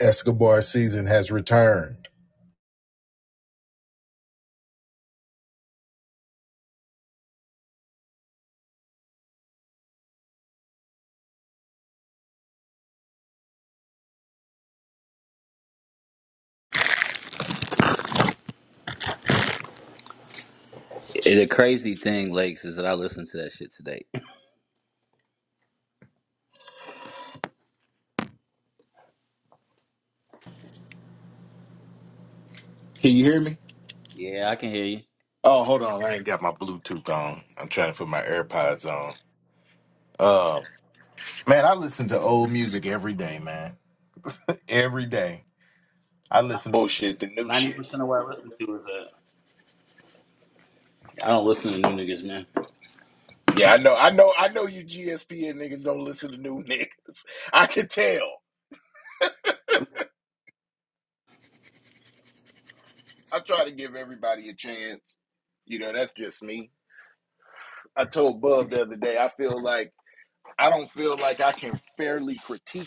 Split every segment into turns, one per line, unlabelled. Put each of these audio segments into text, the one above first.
Escobar season has returned.
The crazy thing, Lakes, is that I listen to that shit today.
Can you hear me?
Yeah, I can hear you.
Oh, hold on. I ain't got my Bluetooth on. I'm trying to put my AirPods on. Uh, man, I listen to old music every day, man. Every day. I listen to bullshit, the new
Ninety
shit.
percent of what I listen to is that. I don't listen to new niggas, man.
Yeah, I know. I know. I know you GSPN niggas don't listen to new niggas. I can tell. I try to give everybody a chance. You know, that's just me. I told Bub the other day, I feel like I don't feel like I can fairly critique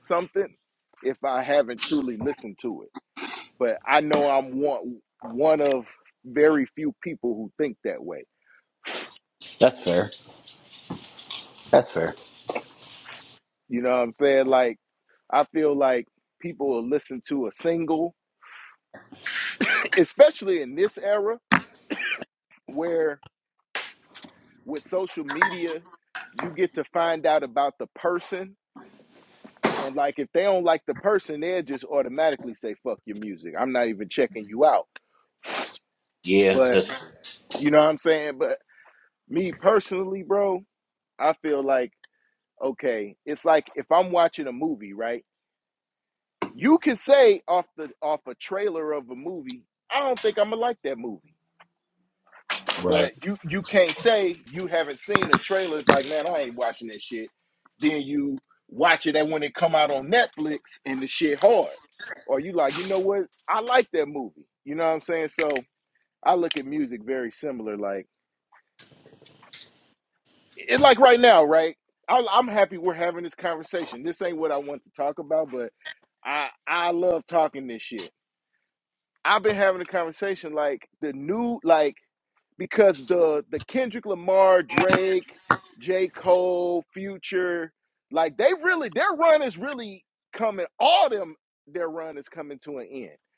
something if I haven't truly listened to it. But I know I'm one one of very few people who think that way.
That's fair. That's fair.
You know what I'm saying? Like I feel like people will listen to a single, especially in this era where with social media you get to find out about the person and like if they don't like the person they'll just automatically say fuck your music. I'm not even checking you out.
Yeah,
But
that's fair.
you know what I'm saying? But me personally, bro, I feel like okay it's like if i'm watching a movie right you can say off the off a trailer of a movie i don't think i'm gonna like that movie
right.
but you you can't say you haven't seen a trailer it's like man i ain't watching that shit then you watch it and when it come out on netflix and the shit hard or you like you know what i like that movie you know what i'm saying so i look at music very similar like and like right now, right? I, I'm happy we're having this conversation. This ain't what I want to talk about, but I I love talking this shit. I've been having a conversation like the new like because the the Kendrick Lamar, Drake, J. Cole, Future, like they really their run is really coming. All them their run is coming to an end.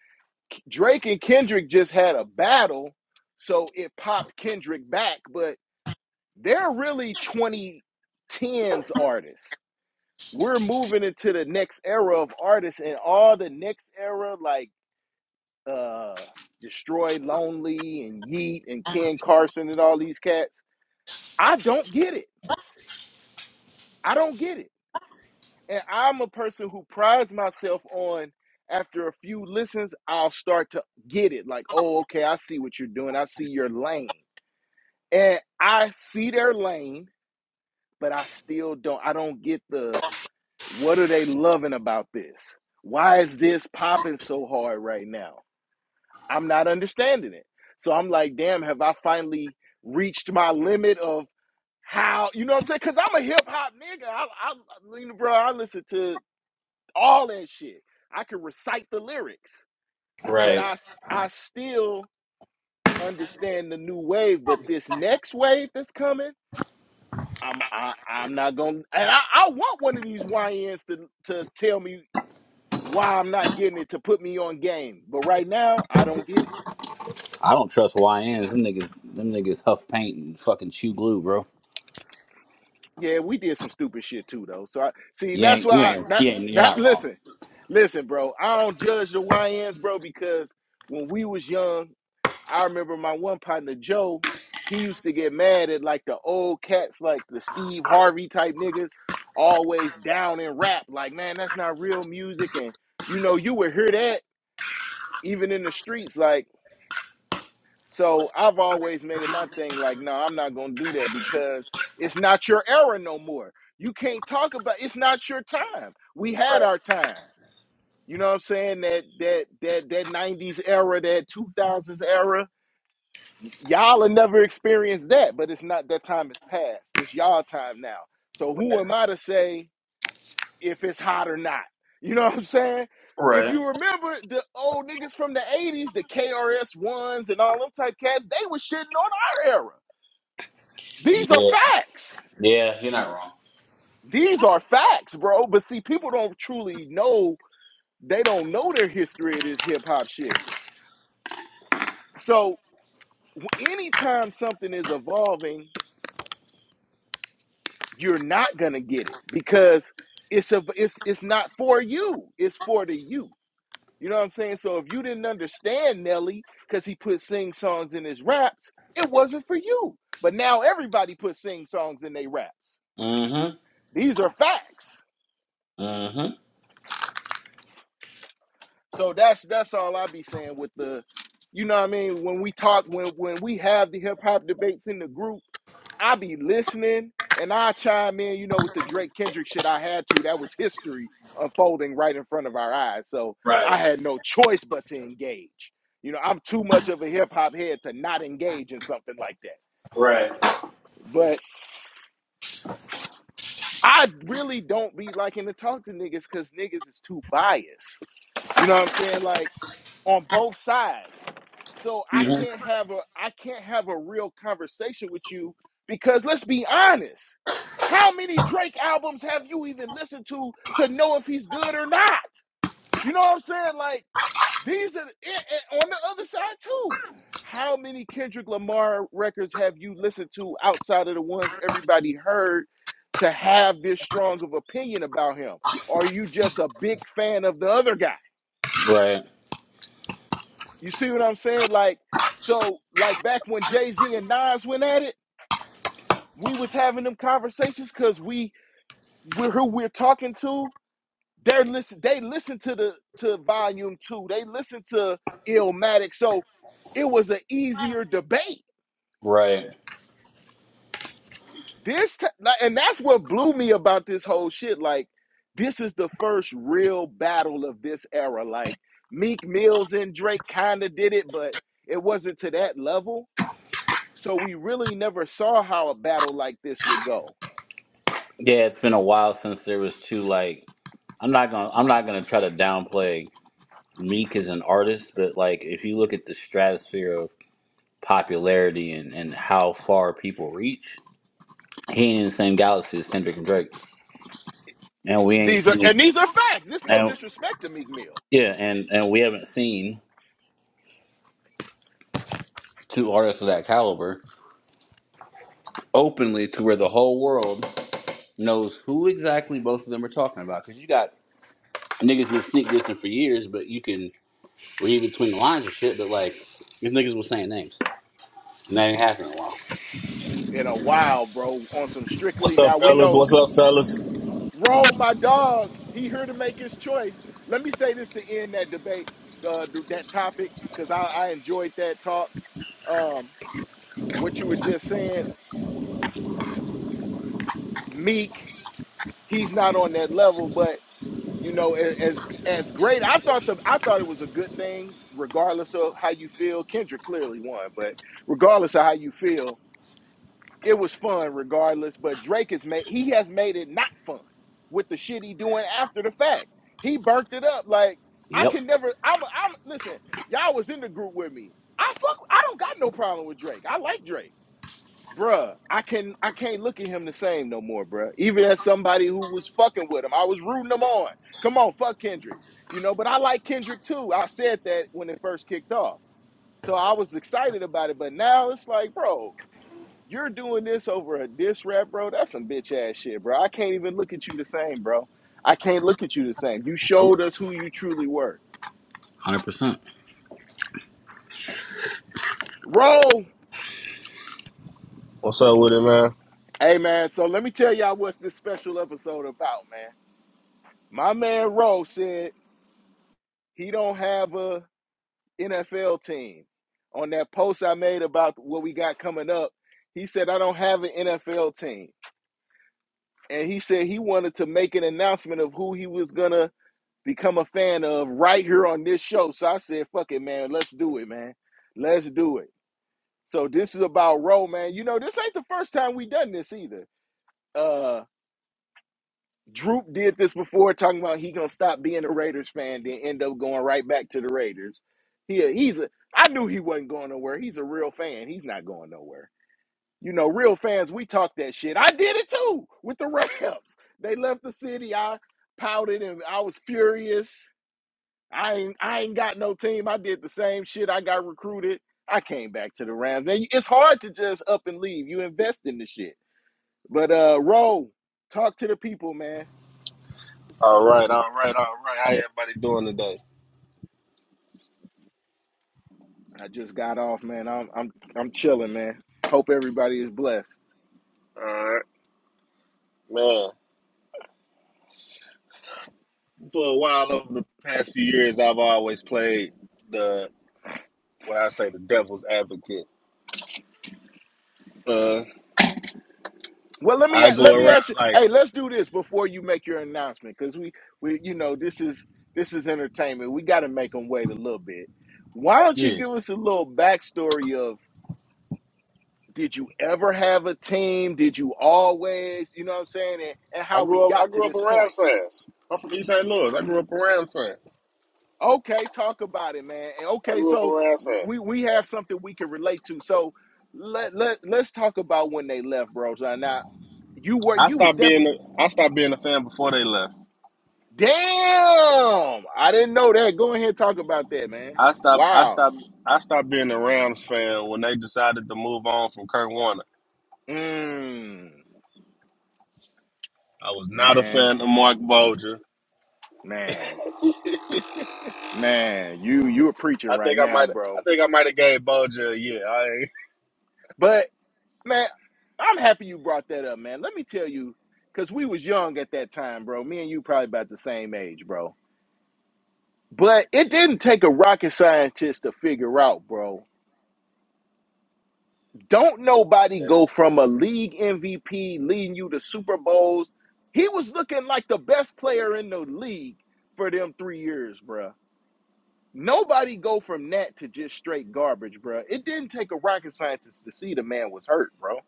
Drake and Kendrick just had a battle, so it popped Kendrick back, but they're really 2010s artists. We're moving into the next era of artists, and all the next era, like uh Destroy Lonely and Yeet and Ken Carson and all these cats. I don't get it. I don't get it. And I'm a person who prides myself on after a few listens, I'll start to get it. Like, oh, okay, I see what you're doing. I see your lane. And I see their lane, but I still don't I don't get the What are they loving about this? Why is this popping so hard right now? I'm not understanding it. So I'm like, damn, have I finally reached my limit of how, you know what I'm saying? Because I'm a hip hop nigga. I, I, bro, I listen to all that shit. I can recite the lyrics, but I I
Right.
still understand the new wave. But this next wave that's coming, I'm I, I'm not gonna, and I, I want one of these YNs to to tell me why I'm not getting it to put me on game. But right now, I don't get it.
I don't trust YNs. Them niggas. Them niggas huff paint and fucking chew glue, bro.
Yeah, we did some stupid shit too, though. So I see
You
that's
ain't.
why
You
I
ain't.
that
You ain't. You're
that
not wrong.
listen, listen, bro. I don't judge the YNs, bro, because when we was young, I remember my one partner Joe, he used to get mad at like the old cats, like the Steve Harvey type niggas, always down in rap. Like, man, that's not real music. And you know, you would hear that even in the streets, like So I've always made it my thing like, no, I'm not going to do that because it's not your era no more. You can't talk about it's not your time. We had our
Right.
time. You know what I'm saying? That that that that 90s era, that 2000s era, y'all have never experienced that, but it's not that time has passed. It's y'all time now. So who
Right.
am I to say if it's hot or not. You know what I'm saying? If
Right.
you remember the old niggas from the 80s, the KRS ones and all them type cats, they was shitting on our era. These are
Yeah.
facts.
Yeah. You're not wrong.
These are facts, bro. But see, people don't truly know, they don't know their history of this hip hop shit. So w- anytime something is evolving, you're not gonna get it because it's a it's it's not for you, it's for the youth. You know what I'm saying? So if you didn't understand Nelly because he put sing songs in his raps, it wasn't for you. But now everybody put sing songs in their raps.
Mm-hmm.
These are facts.
Mm-hmm.
So that's that's all I be saying with the, you know what I mean? When we talk, when when we have the hip hop debates in the group I be listening and I chime in, you know, with the Drake Kendrick shit I had to. That was history unfolding right in front of our eyes. So I
Right.
had no choice but to engage. You know, I'm too much of a hip hop head to not engage in something like that.
Right.
But I really don't be liking to talk to niggas because niggas is too biased. You know what I'm saying? Like, on both sides. So I
hmm
can't have a I can't have a real conversation with you because let's be honest. How many Drake albums have you even listened to to know if he's good or not? You know what I'm saying? Like these are and- on the other side too. How many Kendrick Lamar records have you listened to outside of the ones everybody heard to have this strong of opinion about him? Or are you just a big fan of the other guy?
Right.
You see what I'm saying? Like, so like back when Jay Z and Nas went at it, we was having them conversations because we we're who we're talking to. They're listen. They listen to the to Volume Two. They listen to Illmatic. So it was an easier debate.
Right.
This ti- like, and that's what blew me about this whole shit. Like, this is the first real battle of this era. Like Meek Mills and Drake kind of did it, but it wasn't to that level So we really never saw how a battle like this would go.
Yeah, it's been a while since there was two like I'm not gonna I'm not gonna try to downplay Meek as an artist, but like if you look at the stratosphere of popularity and, and how far people reach, he ain't in the same galaxy as Kendrick and Drake. And we ain't
These are
seen
and these are facts. This no
and
disrespect to Meek Mill.
yeah, and, and we haven't seen two artists of that caliber openly to where the whole world knows who exactly both of them are talking about. Cause you got niggas been sneak dissing for years, but you can read between the lines and shit, but like these niggas was saying names. And that ain't happening in a while.
In a while, bro, on some strictly.
What's up,
Now we
fellas?
know
What's up, fellas?
roll my dog. He here to make his choice. Let me say this to end that debate, uh, that topic, because I, I enjoyed that talk. Um, what you were just saying, Meek, he's not on that level, but. you know as as great i thought the i thought it was a good thing regardless of how you feel kendrick clearly won but regardless of how you feel it was fun regardless but drake has made he has made it not fun with the shit he doing after the fact he burnt it up like i
Yep.
can never i'm i'm listen y'all was in the group with me i fuck i don't got no problem with drake i like drake bruh, I can I can't look at him the same no more, bruh. Even as somebody who was fucking with him, I was rooting him on. Come on, fuck Kendrick, you know. But I like Kendrick too. I said that when it first kicked off, so I was excited about it. But now it's like, bro, you're doing this over a diss rap, bro. That's some bitch ass shit, bro. I can't even look at you the same, bro. I can't look at you the same. You showed us who you truly were.
Hundred percent.
Roll.
What's up with it, man?
Hey man, so let me tell y'all what's this special episode about, man. My man Roll said He don't have a NFL team. On that post I made about what we got coming up, he said I don't have an NFL team. And he said he wanted to make an announcement of who he was gonna become a fan of right here on this show. So I said, fuck it, man, let's do it, man. Let's do it. So this is about Roe, man. You know, this ain't the first time we done this either. Uh, Droop did this before, talking about he gonna stop being a Raiders fan, then end up going right back to the Raiders. He a- he's a I knew he wasn't going nowhere. He's a real fan. He's not going nowhere. You know, real fans, we talk that shit. I did it too with the Rams. They left the city. I pouted and I was furious. I ain't I ain't got no team. I did the same shit. I got recruited. I came back to the Rams. And it's hard to just up and leave. You invest in the shit. But uh Roe, talk to the people, man
All right, all right, all right. How everybody doing today?
I just got off, man. I'm I'm I'm chilling, man. Hope everybody is blessed.
All right, man. For a while over the past few years, I've always played the what I say the devil's advocate. Uh,
Well, let me
I go
let me
around
ask you.
like,
Hey, let's do this before you make your announcement, because we we you know this is this is entertainment. We got to make them wait a little bit. Why don't you
yeah.
give us a little backstory of did you ever have a team? Did you always? You know what I'm saying? And, and
I
how we
grew up. I
got to
grew up
this
around
point.
fans. I'm from East St. Louis. I grew up around fans.
Okay, talk about it, man. And
I
okay,
grew up
so
around fans.
we we have something we can relate to. So let let let's talk about when they left, bro. So now you were
I
you was
stopped
definitely
being. A, I stopped being a fan before they left.
damn. I didn't know that. Go ahead, and talk about that, man.
I stopped. I
Wow.
stopped. I stopped being a Rams fan when they decided to move on from Kurt Warner.
Mm,
I was not a
man,
fan of Mark Bulger.
man, man. You you are preaching
I
right
think I
now,
might
bro.
I think I might have gave Bulger a year. I ain't,
But man, I'm happy you brought that up, man. Let me tell you, cause we was young at that time, bro. Me and you probably about the same age, bro But it didn't take a rocket scientist to figure out, bro. Don't nobody go from a league MVP leading you to Super Bowls. He was looking like the best player in the league for them three years, bro. Nobody go from that to just straight garbage, bro. It didn't take a rocket scientist to see the man was hurt, bro.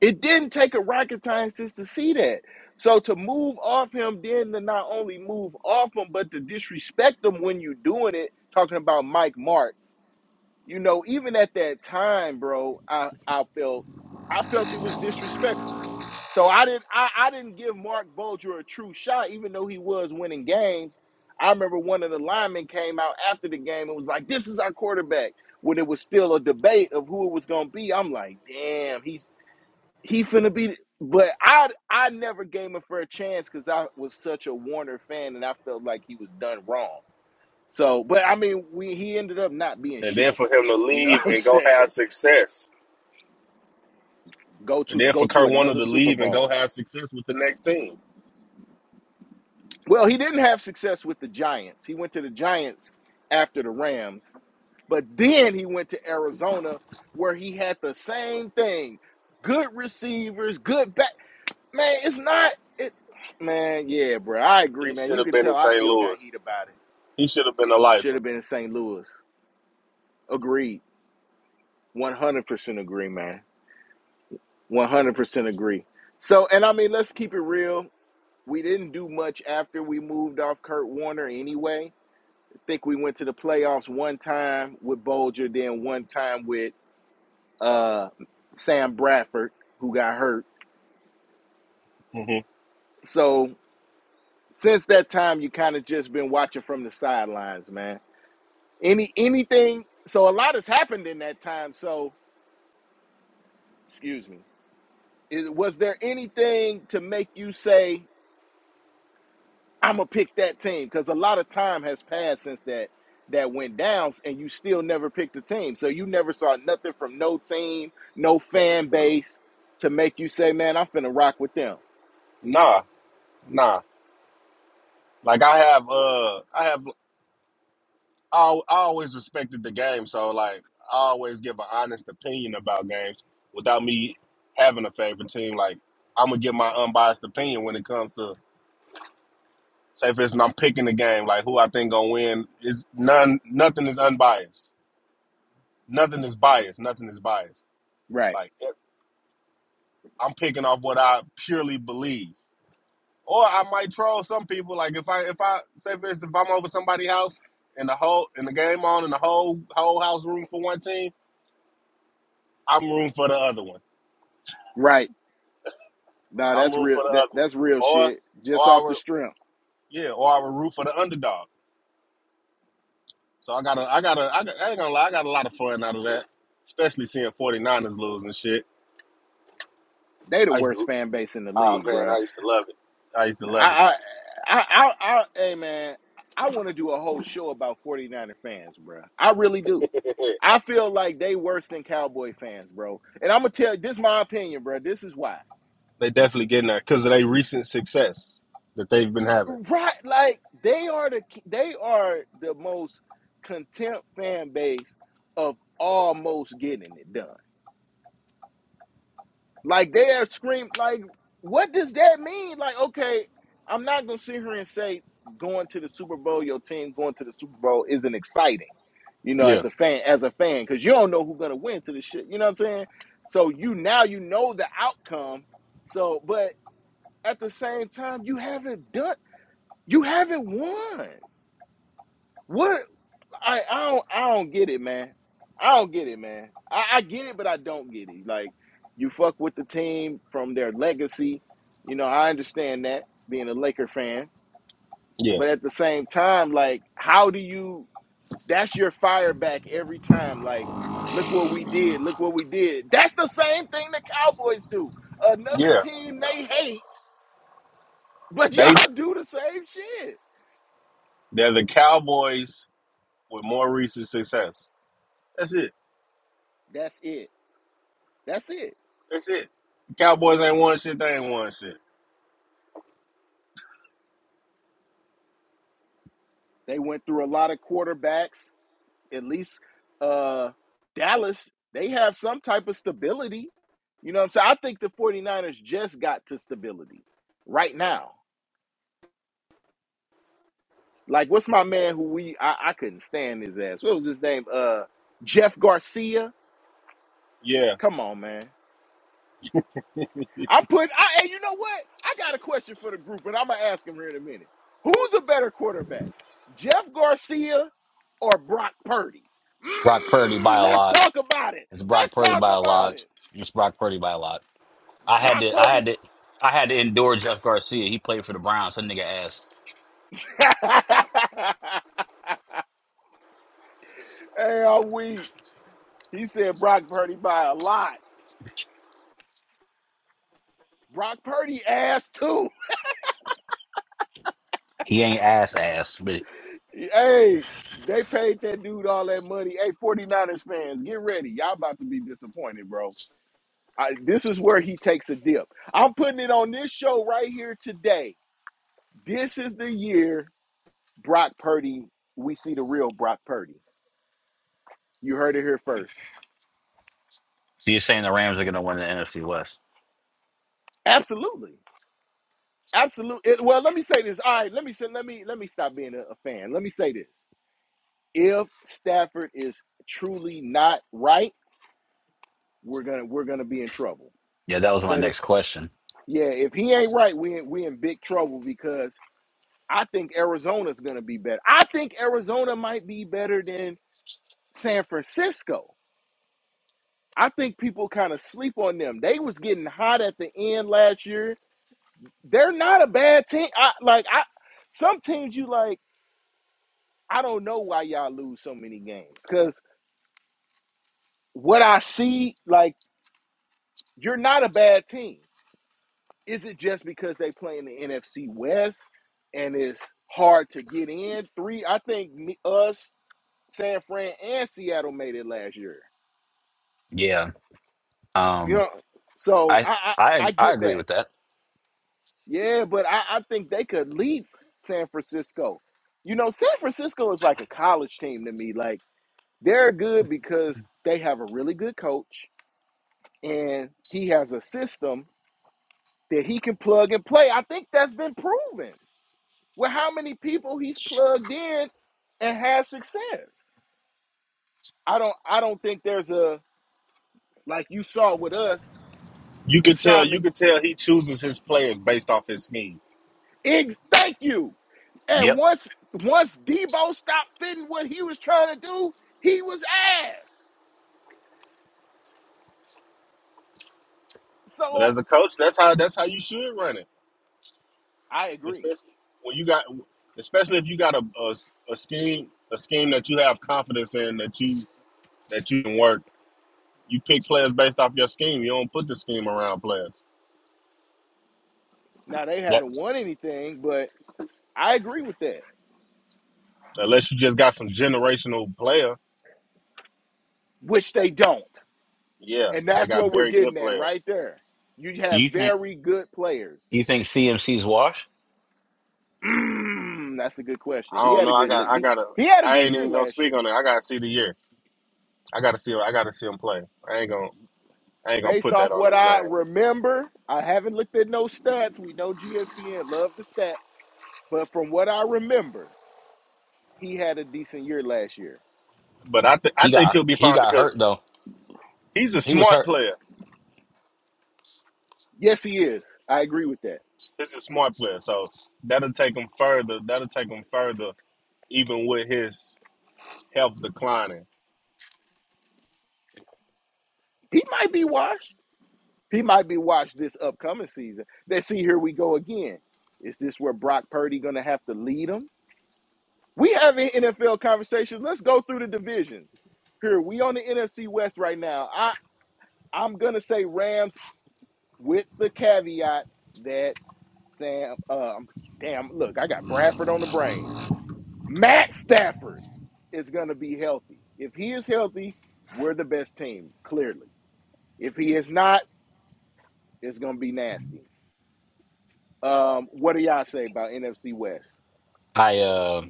It didn't take a rocket scientist to see that. So to move off him, then to not only move off him, but to disrespect him when you doing it, talking about Mike Martz You know, even at that time, bro, I, I felt I felt it was disrespectful. So I didn't I, I didn't give Mark Bulger a true shot, even though he was winning games. I remember one of the linemen came out after the game and was like, This is our quarterback. When it was still a debate of who it was gonna be, I'm like, damn, he's he finna be but I I never gave him a fair chance because I was such a Warner fan and I felt like he was done wrong. So, but I mean, we he ended up not being
and then
shit.
for him to
You know
leave
what I'm
and go
saying?
have success.
Go
And
to
then for
go to
Kurt Warner
another
to
Super
leave and go
Bowl.
have success with the next team.
Well, he didn't have success with the Giants. He went to the Giants after the Rams, but then he went to Arizona where he had the same thing. Good receivers, good back. Man, it's not it man, yeah, bro. I agree,
He
man.
should
You
have
could
been in
tell I
St.
still got
Louis.
heat about it.
He should have been a
Should
lifer.
have been in St. Louis. Agreed. 100% agree, man. 100% agree. So, and I mean, let's keep it real. We didn't do much after we moved off Kurt Warner anyway. I think we went to the playoffs one time with Bolger, then one time with uh, Sam Bradford, who got hurt.
hmm
So, since that time, you kind of just been watching from the sidelines, man. Any anything? So, a lot has happened in that time. So, excuse me. Is, was there anything to make you say? I'm gonna pick that team because a lot of time has passed since that that went down, and you still never picked a team. So you never saw nothing from no team, no fan base to make you say, "Man, I'm finna rock with them."
Nah, nah. Like I have uh I have I, I always respected the game, so like I always give an honest opinion about games without me having a favorite team. Like I'm gonna give my unbiased opinion when it comes to Say for instance, I'm picking the game, like who I think gonna win. Is none, nothing is unbiased. Nothing is biased. Nothing is biased.
Right,
Like if- I'm picking off what I purely believe. Or I might troll some people. Like if I if I say for instance, if I'm over somebody's house and the whole and the game on and the whole whole house room for one team, I'm room for the other one.
right. Nah,
I'm
that's
room
real.
for the
That
other one.
that's real
Or
shit.
or
Just
I
off the
would
strength,
yeah, or I would root for the underdog. So I got to I got to I, got, I ain't gonna lie, I got a lot of fun out of that, especially seeing 49ers lose and shit.
they the
I used
worst
to,
fan base in the
oh
league,
man,
bruh.
I used to love it. I used to
I,
love
I I, I, I, hey man, I want to do a whole show about 49er fans, bro. I really do.
it.
I feel like they worse than Cowboy fans, bro. And I'm gonna tell you, this is my opinion, bro. This is why.
they definitely getting there because of their recent success that they've been having.
Right, like they are the they are the most contempt fan base of almost getting it done. Like they are scream like what does that mean? Like, okay, I'm not gonna sit here and say going to the Super Bowl, your team going to the Super Bowl isn't exciting, you know,
Yeah,
as a fan, as a fan, because you don't know who's gonna win to the shit. You know what I'm saying? So you now you know the outcome. So but at the same time, you haven't done you haven't won. What I I don't I don't get it, man. I don't get it, man. I, I get it, but I don't get it. Like you fuck with the team from their legacy. You know, I understand that being a Laker fan,
yeah,
but at the same time, like, how do you? That's your fire back every time. Like, look what we did. Look what we did. That's the same thing the Cowboys do. Another
yeah.
team they hate, but
They
y'all do the same shit.
they're the Cowboys with more recent success. That's it.
That's it. That's it.
That's it. The Cowboys ain't won shit. They ain't won shit.
They went through a lot of quarterbacks at least uh Dallas, they have some type of stability. You know what I'm saying? I think the 49ers just got to stability right now. Like what's my man who we I, couldn't stand his ass. What was his name? Uh Jeff Garcia.
Yeah,
Come on, man. I'm putting and you know what? I got a question for the group, and I'm gonna ask him here in a minute. Who's a better quarterback? Jeff Garcia or Brock Purdy?
Brock Purdy by
Mm,
a
let's
lot.
talk about it.
It's Brock
Let's
Purdy
talk
by a
about
lot.
it.
It's Brock Purdy by a lot. I had
Brock
to I
Purdy
had to I had to endure Jeff Garcia. He played for the Browns. That nigga ass.
hey, I'm weak. He said Brock Purdy by a lot. Brock Purdy ass too.
He ain't ass ass. But
Hey, they paid that dude all that money. Hey, 49ers fans, get ready. Y'all about to be disappointed, bro. I, this is where he takes a dip. I'm putting it on this show right here today. This is the year Brock Purdy, we see the real Brock Purdy. You heard it here first.
so you're saying the Rams are gonna win the NFC West.
Absolutely. Absolutely. Well, let me say this. All right, let me say let me let me stop being a, a fan. Let me say this. if Stafford is truly not right, we're gonna we're gonna be in trouble.
Yeah, that was my
But it-
next question.
yeah, if he ain't right, we we in big trouble because I think Arizona's gonna be better. I think Arizona might be better than San Francisco. I think people kind of sleep on them. They was getting hot at the end last year. They're not a bad team. I like I some teams you like. I don't know why y'all lose so many games because what I see like you're not a bad team. Is it just because they play in the NFC West and it's hard to get in? Three, I think me, us, San Fran, and Seattle made it last year.
Yeah.
You
Um
know, so
I
I I,
I
I
I
get
agree
that.
with that.
Yeah, but I, I think they could leap San Francisco. You know, San Francisco is like a college team to me. Like they're good because they have a really good coach and he has a system that he can plug and play. I think that's been proven. with how many people he's plugged in and has success. I don't I don't think there's a like you saw with us,
you could tell.
Sean
You
Mc
could tell he chooses his players based off his scheme.
thank you. And
Yep.
once once Debo stopped fitting what he was trying to do, he was ass.
But
So
as a coach, that's how that's how you should run it,
I agree.
especially when you got, especially if you got a, a, a scheme a scheme that you have confidence in that you that you can work. You pick players based off your scheme. You don't put the scheme around players.
Now they haven't
That's
won anything, but I agree with that.
Unless you just got some generational player.
Which they don't.
Yeah,
And
they
that's
got
what we're
very good
getting at right
players.
there. You
so
have
you think
very good players.
you think CMC's washed?
Mm, that's a good question.
I
He
don't
had a
know. I
good look.
got I
He
gotta
he had a
I
good
ain't
year
even gonna
last
speak
year.
on it. I gotta see the year. I gotta see I gotta see him play. I ain't gonna I ain't gonna
Based
put
off
that on
what
his
I
name.
remember, I haven't looked at no stats. We know GSPN love the stats, but from what I remember, he had a decent year last year.
But I th- I
He
think
got
he'll be
he
fine
got hurt
because
though.
he's a
He was
smart
hurt.
player.
Yes, he is. I agree with that.
He's a smart player. So that'll take him further. That'll take him further even with his health declining.
He might be washed. He might be washed this upcoming season. Let's see. Here we go again. Is this where Brock Purdy going to have to lead him? We having NFL conversations. Let's go through the divisions. Here we on the NFC West right now. I. I'm gonna say Rams with the caveat that Sam. Um, damn, look, I got Bradford on the brain. Matt Stafford is gonna be healthy. If he is healthy, we're the best team clearly. If he is not, it's gonna be nasty. Um, what do y'all say about NFC West?
I uh,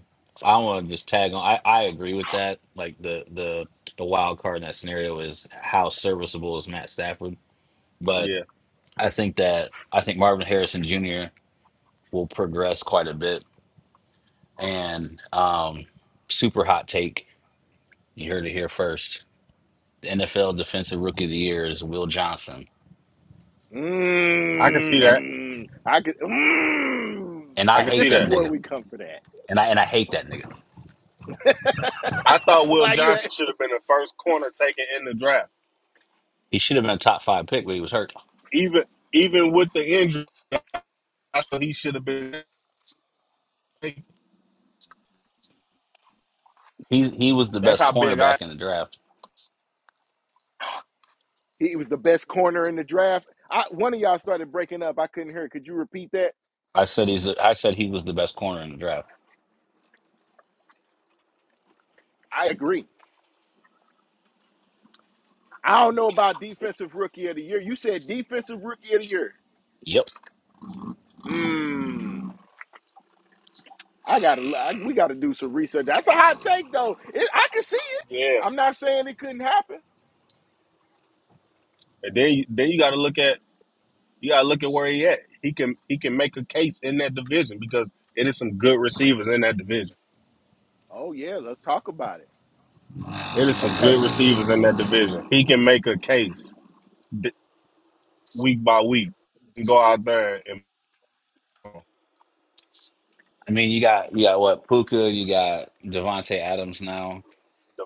I want to just tag on. I, I agree with that. Like the the the wild card in that scenario is how serviceable is Matt Stafford, but
Yeah.
I think that I think Marvin Harrison Jr. will progress quite a bit. And um, super hot take. You heard it here first. The NFL Defensive Rookie of the Year is Will Johnson,
I can see
and
that.
Mm, I could. Mm,
and
I
I
can
hate
see
this is
that
that.
where
nigga.
we come for that.
And I and I hate that nigga.
I thought Will
Why you?
Johnson should have been the first corner taken in the draft.
He should have been a top five pick, but he was hurt.
Even even with the injury, I thought he should have been. taken.
He's he was the
That's
best
how big I.
cornerback in the draft.
He was the best corner in the draft. I, one of y'all started breaking up. I couldn't hear. it. Could you repeat that?
I said he's. I said he was the best corner in the draft.
I agree. I don't know about defensive rookie of the year. You said defensive rookie of the year.
Yep.
Mmm. I gotta. l- I, we gotta do some research. That's a hot take, though. It, I can see it.
Yeah,
I'm not saying it couldn't happen.
and then you- then you got to look at you got to look at where he at. He can he can make a case in that division because it is some good receivers in that division.
Oh yeah, let's talk about it.
It is some good
Okay.
receivers in that division. He can make a case d- week by week and go out there and
I mean, you got you got what Puka, you got Devonte Adams now,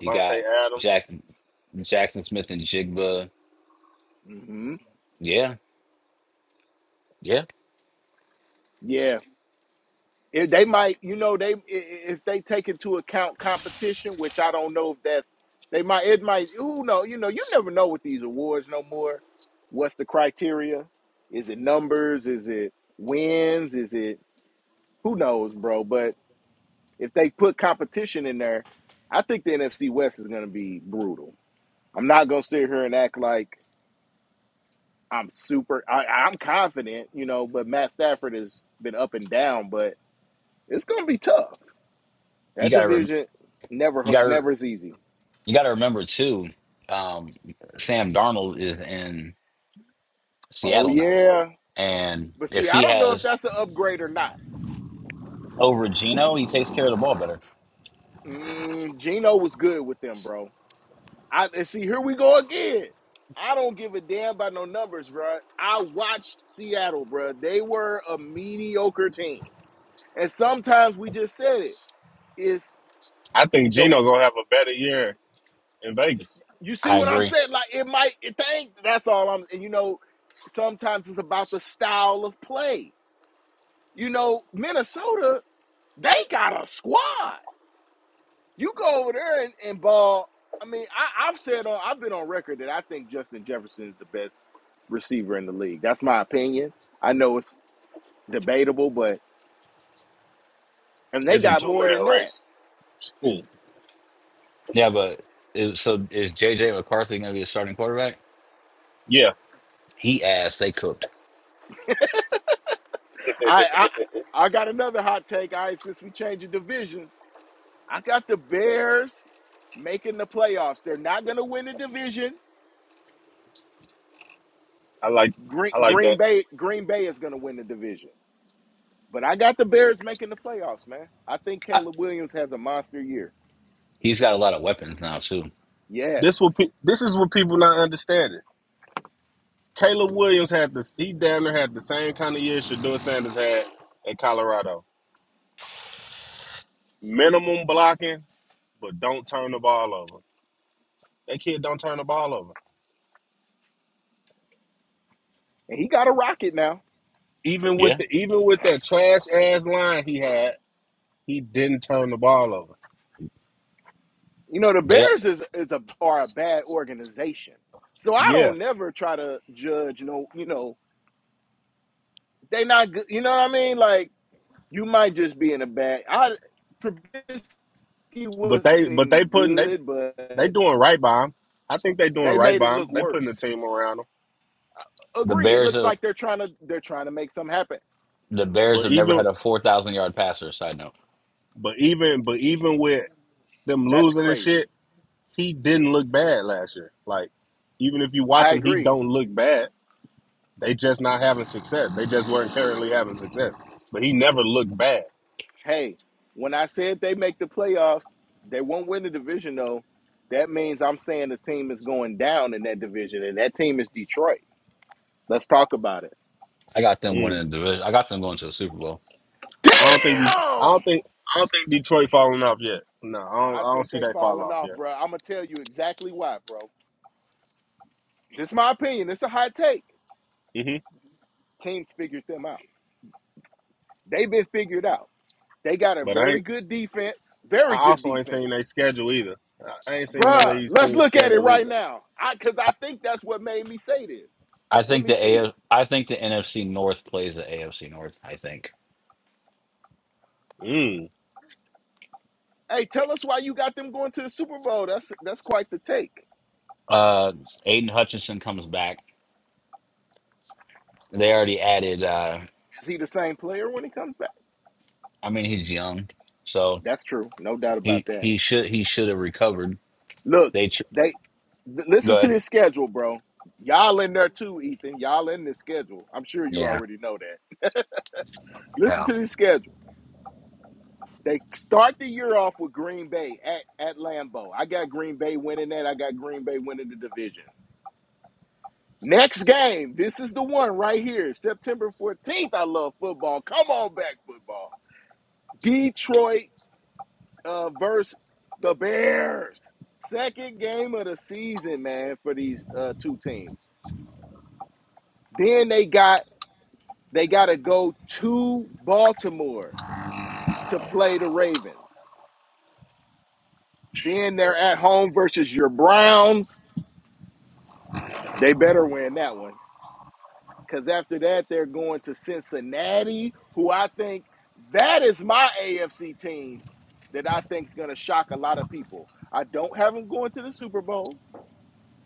you got
Adams.
Jack Jackson Smith and Jigba.
Mm-hmm.
Yeah, yeah.
Yeah. If they might, you know, they i- i- if they take into account competition, which I don't know if that's they might it might who know you know you never know with these awards no more. What's the criteria? Is it numbers? Is it wins? Is it who knows, bro? But if they put competition in there, I think the NFC West is going to be brutal. I'm not going to sit here and act like I'm super. I, I'm confident, you know, but Matt Stafford has been up and down, but it's going to be tough.
You
That
got to rem-
division never
you got to
never is easy.
you got to remember too. Um, Sam Darnold is in
Oh
Seattle now,
yeah,
and
but see,
if
I
he
don't know if
has
that's an upgrade or not.
over Geno, he takes care of the ball better.
Mm, Gino was good with them, bro. I and see here we go again. I don't give a damn about no numbers, bro. I watched Seattle, bro. They were a mediocre team, and sometimes we just said it. It's
I think
the
Gino gonna have a better year in Vegas.
you see
I
what I'm
agree.
saying? Like it might it think that's all I'm. And you know, sometimes it's about the style of play. You know, Minnesota. They got a squad. You go over there and, and ball. I mean, I, I've said on I've been on record that I think Justin Jefferson is the best receiver in the league. That's my opinion. I know it's debatable, but and they
It's a
got
two
more than
man
that.
race. Hmm.
Yeah, but it, so is JJ McCarthy going to be a starting quarterback?
Yeah,
He asked. They cooked.
I I, I got another hot take. I since we changing divisions, I got the Bears making the playoffs. They're not going to win the division.
I like
Green,
I like
Green
that.
Bay Green Bay is going to win the division. But I got the Bears making the playoffs, man. I think Caleb Williams has a monster year.
He's got a lot of weapons now too.
Yes,
This what pe- this is what people not understanding. Caleb Williams had this. He down there had the same kind of year Shador Sanders had at Colorado. Minimum blocking, but don't turn the ball over. That kid don't turn the ball over.
and he got a rocket now.
Even with
Yeah,
the even with that trash ass line he had, he didn't turn the ball over.
You know, the
they
Bears is is a are a bad organization, so I
Yeah,
don't never try to judge. No, you know, they not good. You know what I mean? Like you might just be in a bad. I Trubisky
but they but they
wasn't
putting they
good,
they
but
doing right by him. I think they doing
they
right
made it
by him.
look
They
worse.
putting the team around him.
the
Agree. It
Bears
looks
have
like they're trying to they're trying to make something happen.
the Bears
But
have never
even
had a four thousand yard passer. Side note,
but even but even with them
That's
losing and
crazy.
shit, he didn't look bad last year. Like, even if you watch
I
him, he
agree.
don't look bad. They just not having success. They just weren't currently having success. But he never looked bad.
Hey, when I said they make the playoffs, they won't win the division though. That means I'm saying the team is going down in that division, and that team is Detroit. Let's talk about it.
I got them
Mm.
winning the division. I got them going to the Super Bowl.
I don't think. De- I
Damn!
don't think. I don't think Detroit falling off yet. No, I don't.
I
I don't
think
see
they
they fall
falling
off
off,
yet.
bro. I'm gonna tell you exactly why, bro. This is my opinion. It's a hot take.
hmm
Teams figured them out. They've been figured out. They got a
But I
very
ain't.
good defense. Very
I
good
also ain't
defense.
seen they schedule either. I I ain't seen none of
Bruh,
these
let's
teams
look at it
schedule
right
either.
now. I cause I think that's what made me say this.
I
Let
think
me
the
see.
A. I think the NFC North plays the AFC North. I think
Mm.
Hey, tell us why you got them going to the Super Bowl. That's that's quite the take.
uh Aiden Hutchinson comes back. They already added. uh
Is he the same player when he comes back?
I mean, he's young, so
That's true, no doubt about
he
that.
he should he should have recovered.
Look,
They tr-
they th- listen
go
to
ahead.
this schedule, bro. Y'all in there too, Ethan. Y'all in this schedule. I'm sure you
Yeah,
already know that. Listen
yeah.
to this schedule. They start the year off with Green Bay at at Lambeau. I got Green Bay winning that. I got Green Bay winning the division. Next game, this is the one right here, September 14th. I love football. Come on back, football. Detroit uh, versus the Bears. Second game of the season, man, for these uh, two teams. Then they got they got to go to Baltimore to play the Ravens. Then they're at home versus your Browns. They better win that one because after that they're going to Cincinnati, who I think that is my AFC team that I think is going to shock a lot of people. I don't have them going to the Super Bowl,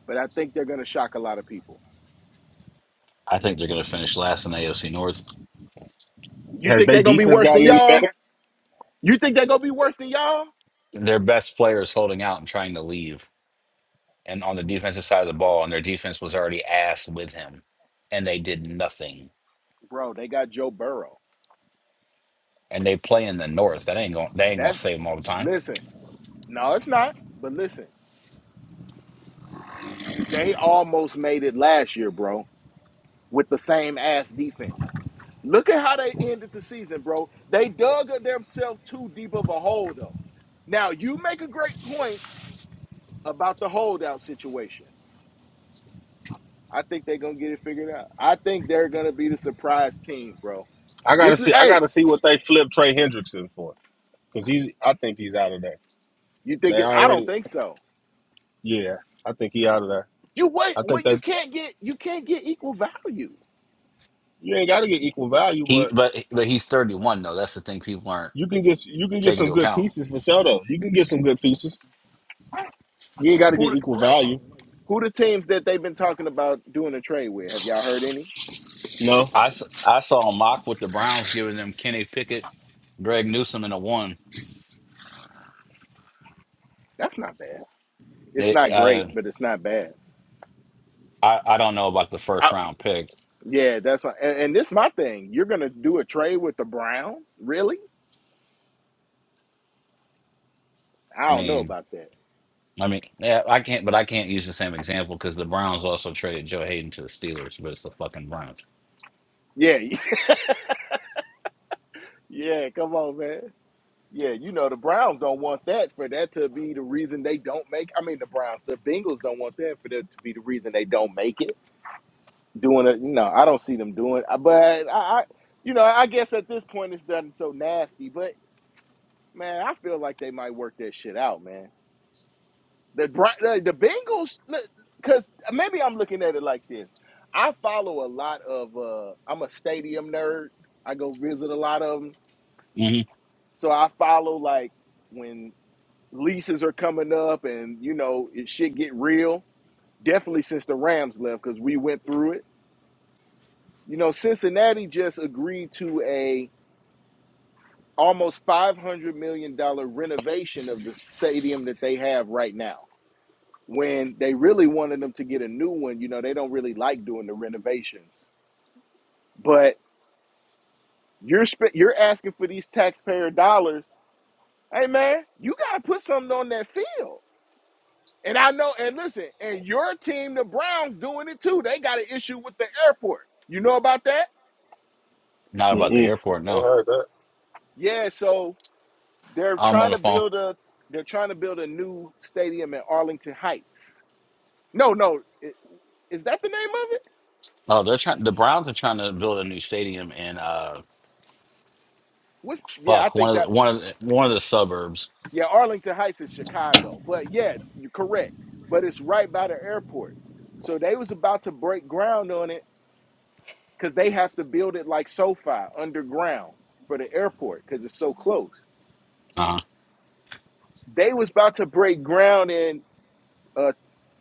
but I think they're going to shock a lot of people.
I think they're going to finish last in the AFC North.
You
Has
think
they
they're gonna be
defense
worse than
gotten any
y'all?
better?
You think they're gonna be worse than y'all?
Their best player is holding out and trying to leave. and on the defensive side of the ball, and their defense was already ass with him, and they did nothing.
Bro, they got Joe Burrow.
And they play in the North. That ain't going. They ain't gonna
That's
save him all the time.
listen, no, it's not. But listen, they almost made it last year, bro, with the same ass defense. Look at how they ended the season, bro. They dug themselves too deep of a hole, though. Now you make a great point about the holdout situation. I think they're gonna get it figured out. I think they're gonna be the surprise team, bro.
I gotta
This is
see. I
hey,
gotta see what they flip Trey Hendrickson for because he's. I think he's out of there.
you
They
think it? I don't
already
think so.
Yeah, I think he out of there.
You wait.
I
Well,
think
you
that
can't get you can't get equal value.
you ain't got to get equal value,
He,
but
but but he's thirty one though. That's the thing people aren't
you can get you can get
taking
some
into
good
account.
pieces for sure. Though you can get some good pieces. You ain't got to
Who
get
the-
equal value.
who the teams that they've been talking about doing a trade with? Have y'all heard any?
No,
I, s- I saw a mock with the Browns giving them Kenny Pickett, Greg Newsom, and a one.
That's not bad. It's
It,
not great,
I,
but it's not bad.
I I don't know about the first
I,
round pick.
yeah, that's why. And, and this is my thing. You're gonna do a trade with the Browns? Really?
I
I don't know
mean,
about that.
I mean, yeah, I can't. But I can't use the same example because the Browns also traded Joe Hayden to the Steelers, but it's the fucking Browns.
Yeah, yeah. Come on, man. Yeah, you know the Browns don't want that for that to be the reason they don't make. I mean, the Browns, the Bengals don't want that for that to be the reason they don't make it. doing it. You know, I don't see them doing, it. but I, I, you know, I guess at this point it's done so nasty. But man, I feel like they might work that shit out, man. The the, the Bengals, because maybe I'm looking at it like this. I follow a lot of. uh I'm a stadium nerd. I go visit a lot of them,
hmm
so I follow like when leases are coming up and you know it shit get real. Definitely since the Rams left, because we went through it. You know, Cincinnati just agreed to a almost five hundred million dollar renovation of the stadium that they have right now. When they really wanted them to get a new one, you know, they don't really like doing the renovations. But you're sp- you're asking for these taxpayer dollars. Hey man, you got to put something on that field. And I know, and listen, and your team, the Browns, doing it too. They got an issue with the airport. You know about that?
Not about the
mm-mm.
airport,
I
no.
heard that.
Yeah. So they're
I'm
trying
on the
to
phone.
build a they're trying to build a new stadium in Arlington Heights. No, no. it, Is that the name of it?
Oh, they're trying. The Browns are trying to build a new stadium in uh,
What's yeah, I
fuck
think
one of
that
the, one of the, one of the suburbs.
yeah, Arlington Heights is Chicago. But yeah, you're correct. But it's right by the airport. So they was about to break ground on it because they have to build it like SoFi underground for the airport because it's so close.
Uh
They was about to break ground in uh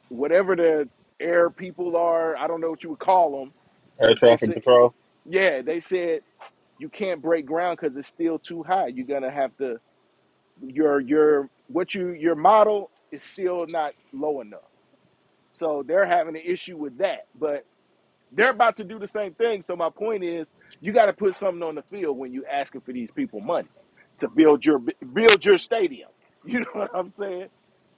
whatever the air people are, I don't know what you would call them,
Air
but they
traffic
said
control.
yeah, they said you can't break ground because it's still too high. You're gonna have to your your what you your model is still not low enough. So they're having an issue with that. But they're about to do the same thing. So my point is you got to put something on the field when you asking for these people money to build your build your stadium. You know what I'm saying?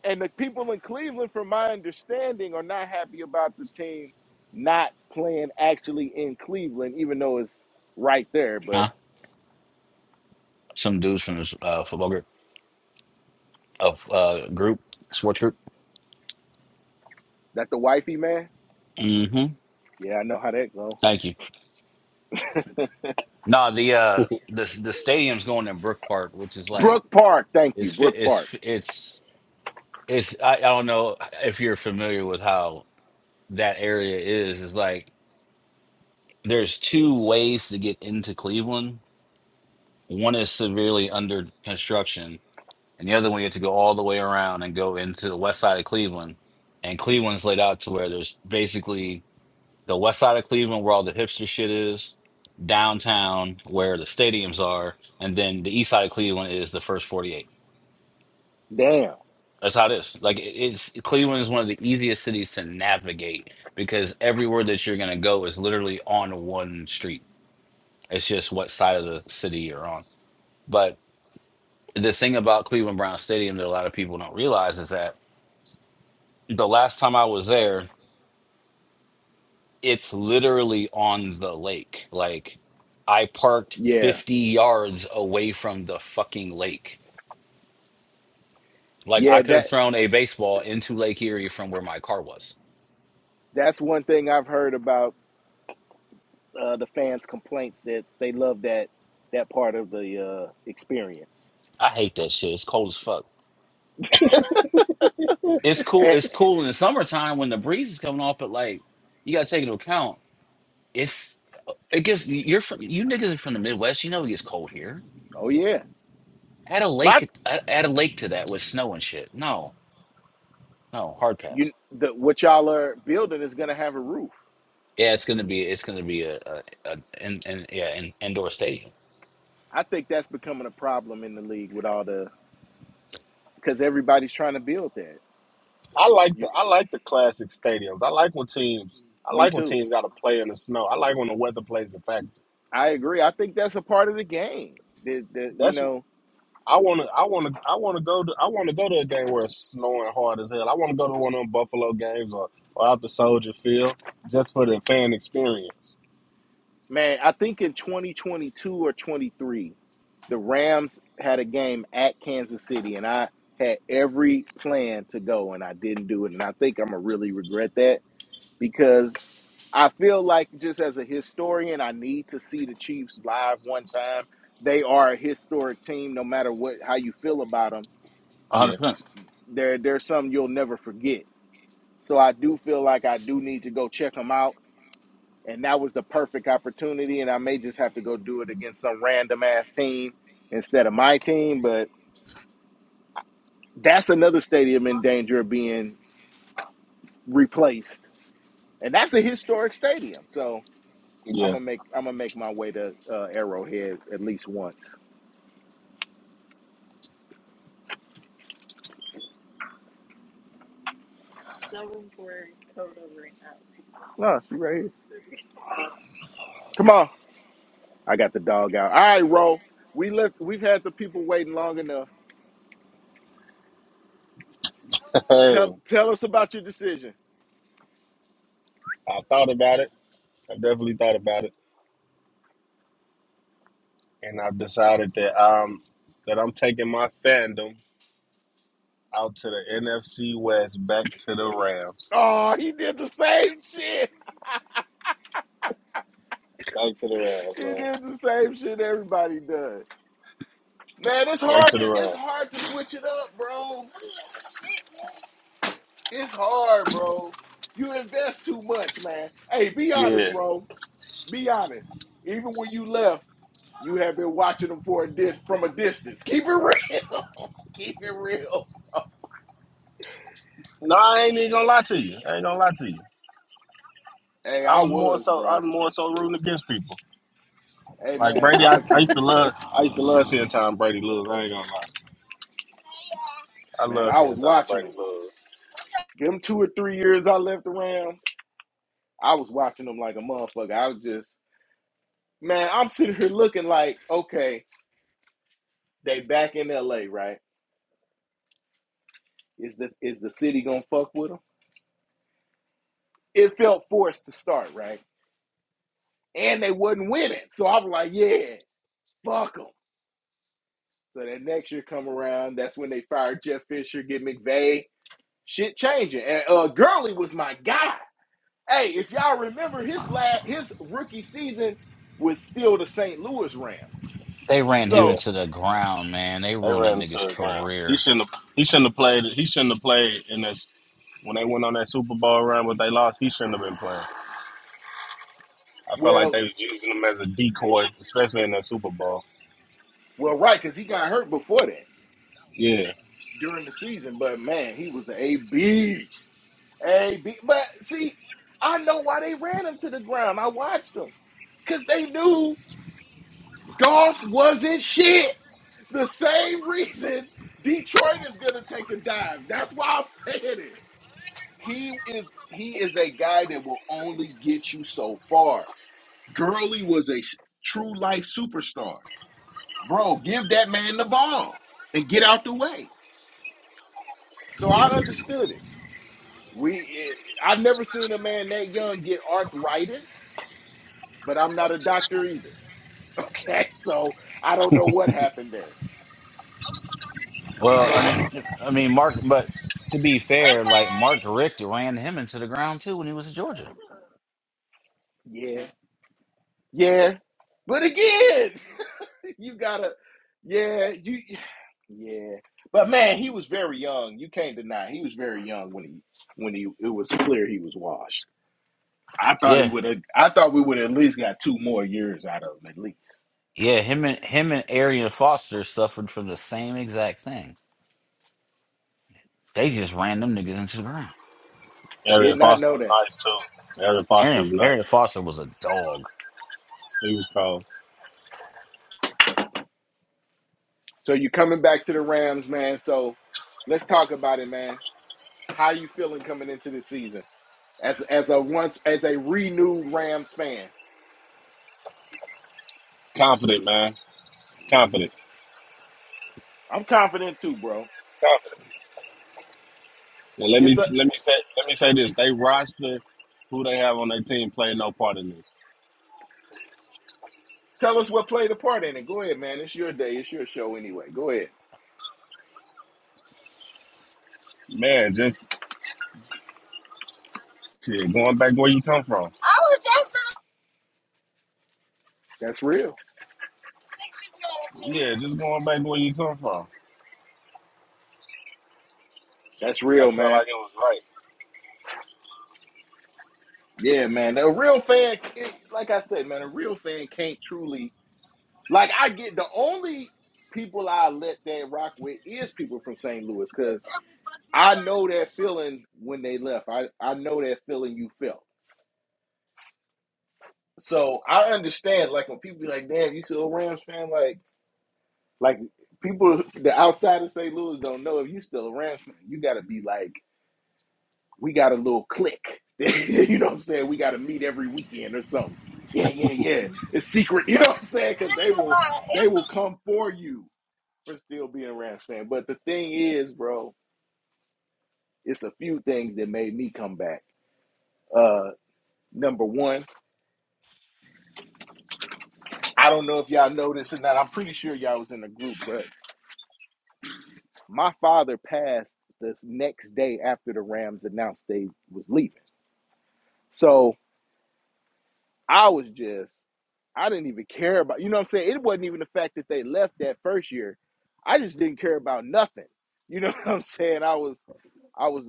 And the people in Cleveland from my understanding are not happy about the team not playing actually in Cleveland even though it's right there, but
huh. Some dudes from this uh, football group of uh, group sports group.
that the wifey man?
Mm-hmm.
Yeah, I know how that go.
Thank you. No, the uh the the stadium's going in Brook Park, which is like
Brook Park, thank you.
it's fi-
Brook
it's
Park.
fi- it's it's I, I don't know if you're familiar with how that area is. It's like there's two ways to get into Cleveland. One is severely under construction and the other one you have to go all the way around and go into the west side of Cleveland. And Cleveland's laid out to where there's basically the west side of Cleveland where all the hipster shit is, downtown where the stadiums are, and then the east side of Cleveland is the first 48.
Damn.
That's how it is. Like it- it's Cleveland is one of the easiest cities to navigate because everywhere that you're gonna go is literally on one street. It's just what side of the city you're on. But the thing about Cleveland Brown Stadium that a lot of people don't realize is that the last time I was there, it's literally on the lake. Like I parked
Yeah.
50 yards away from the fucking lake. Like
Yeah,
I could have
that
thrown a baseball into Lake Erie from where my car was.
that's one thing I've heard about uh the fans' complaints that they love that that part of the uh experience.
I hate that shit. It's cold as fuck. It's cool.
And,
It's cool in the summertime when the breeze is coming off, but like you gotta take into account, it's uh, it gets you're from you niggas are from the Midwest. You know it gets cold here.
oh yeah.
Add a
My
lake, add add a lake to that with snow and shit. No, no, hard pass.
you the what y'all are building is gonna have a roof.
Yeah, it's gonna be it's gonna be a, a, a in, in, yeah in, indoor stadium.
I think that's becoming a problem in the league with all the because everybody's trying to build that.
I like
You,
the I like the classic stadiums. I like when teams I
me
like when
too.
teams got to play in the snow. I like when the weather plays a factor.
I agree. I think that's a part of the game. The, the, you
That's wh-
know
I want to I want to I want to go to I want to go to a game where it's snowing hard as hell. I want to go to one of them Buffalo games or or out the Soldier Field just for the fan experience.
Man, I think in 2022 or 23, the Rams had a game at Kansas City, and I had every plan to go, and I didn't do it. And I think I'm going to really regret that because I feel like, just as a historian, I need to see the Chiefs live one time. They are a historic team, no matter what how you feel about them.
One hundred
Yeah,
percent.
They're, they're something you'll never forget. So I do feel like I do need to go check them out and that was the perfect opportunity. And I may just have to go do it against some random ass team instead of my team, but that's another stadium in danger of being replaced, and that's a historic stadium. So I'm
yeah.
gonna make I'm gonna make my way to uh, Arrowhead at least once. No, she right here. Come on, I got the dog out. All right, Ro, we left. We've had the people waiting long enough. Tell
Hey,
tell us about your decision.
I thought about it. I definitely thought about it, and I decided that um that I'm taking my fandom out to the NFC West, back to the Rams,
Oh, he did the same shit.
back to the Rams,
He did
man,
the same shit everybody does. Man, it's
back
hard
to the
to it's
Rams.
hard to switch it up, bro. It's hard, bro. You invest too much, man. Hey, be honest,
Yeah.
bro. Be honest. Even when you left, you have been watching them for a dis from a distance. Keep it real. keep it real.
No, I ain't even gonna lie to you. I ain't gonna lie to you.
Hey,
I
I
was more
was,
so
bro.
I'm more so rooting against people.
Hey,
Like
man,
Brady,
I'm
I,
gonna
I
keep
used to
it.
love I used to love seeing Tom Brady lose. I ain't gonna lie. I
Man,
love
I was
seeing Tom
watching
Brady
them.
lose.
them two or three years. I left the Rams. I was watching them like a motherfucker. I was just, man. I'm sitting here looking like, okay, they back in L.A. right? Is the is the city gonna fuck with them? It felt forced to start, right? And they wasn't winning, so I was like, yeah, fuck them. So that next year come around, that's when they fired Jeff Fisher, get McVay, shit changing, and uh, Gurley was my guy. Hey, if y'all remember his last his rookie season was still the St. Louis Rams.
They ran him
Yeah.
So
into the ground, man. They
They
ruined that
ran
nigga's
to the ground. He
career.
shouldn't have. He shouldn't have played. He shouldn't have played in this. When they went on that Super Bowl run, what they lost, he shouldn't have been playing. I felt like
well,
they was using him as a decoy, especially in that Super Bowl.
well, right, because he got hurt before that.
Yeah,
during the season, but man, he was a beast. A B. But see, I know why they ran him to the ground. I watched them because they knew golf wasn't shit. The same reason Detroit is gonna take a dive. That's why I'm saying it. He is he is a guy that will only get you so far. Gurley was a true life superstar. Bro, give that man the ball and get out the way. So I understood it. We, I've never seen a man that young get arthritis, but I'm not a doctor either. Okay, so I don't know what happened there,
Well,
but
I
what?
mean, I mean Mark, but to be fair, like Mark Richt ran him into the ground too when he was at Georgia.
Yeah, yeah. But again, you gotta, yeah, you, yeah. But man, he was very young. You can't deny he was very young when he when he it was clear he was washed. I thought he
Yeah,
would have. I thought we would have at least got two more years out of him at least.
yeah. Him and him and Arian Foster suffered from the same exact thing. They just ran them niggas into the ground.
Did
Arian
not
Foster
know
was
that.
nice too. Arian Foster
Arian,
was
Arian
nice.
Foster was a dog,
He was cold,
So you coming back to the Rams, man. So let's talk about it, man. How are you feeling coming into the season as as a once as a renewed Rams fan?
confident, man, confident,
I'm confident too, bro.
confident. And let me
It's a
let me say let me say this: they roster who they have on their team played no part in this.
tell us what played a part in it. Go ahead, man. It's your day. It's your show anyway. Go ahead.
Man, just shit, going back where you come from.
That's real.
Yeah, just going back where you come from.
That's
I
real,
felt
man.
like it was right.
Yeah, man. A real fan, it- like I said, man, a real fan can't truly like. I get the only people I let that rock with is people from St. Louis, cause. I know that feeling when they left. I, I know that feeling you felt. So I understand, like when people be like, damn, you still a Rams fan? Like like people the outside of St. Louis don't know if you still a Rams fan. You gotta be like, we got a little click. you know what I'm saying? We gotta meet every weekend or something. Yeah, yeah, yeah. It's secret, you know what I'm saying? Cause they will they will come for you for still being a Rams fan. But the thing is, bro, it's a few things that made me come back. Uh number one I don't know if y'all know this or not. I'm pretty sure y'all was in the group, but my father passed the next day after the Rams announced they was leaving. So I was just, I didn't even care about, you know what I'm saying? It wasn't even the fact that they left that first year. I just didn't care about nothing. You know what I'm saying? I was, I was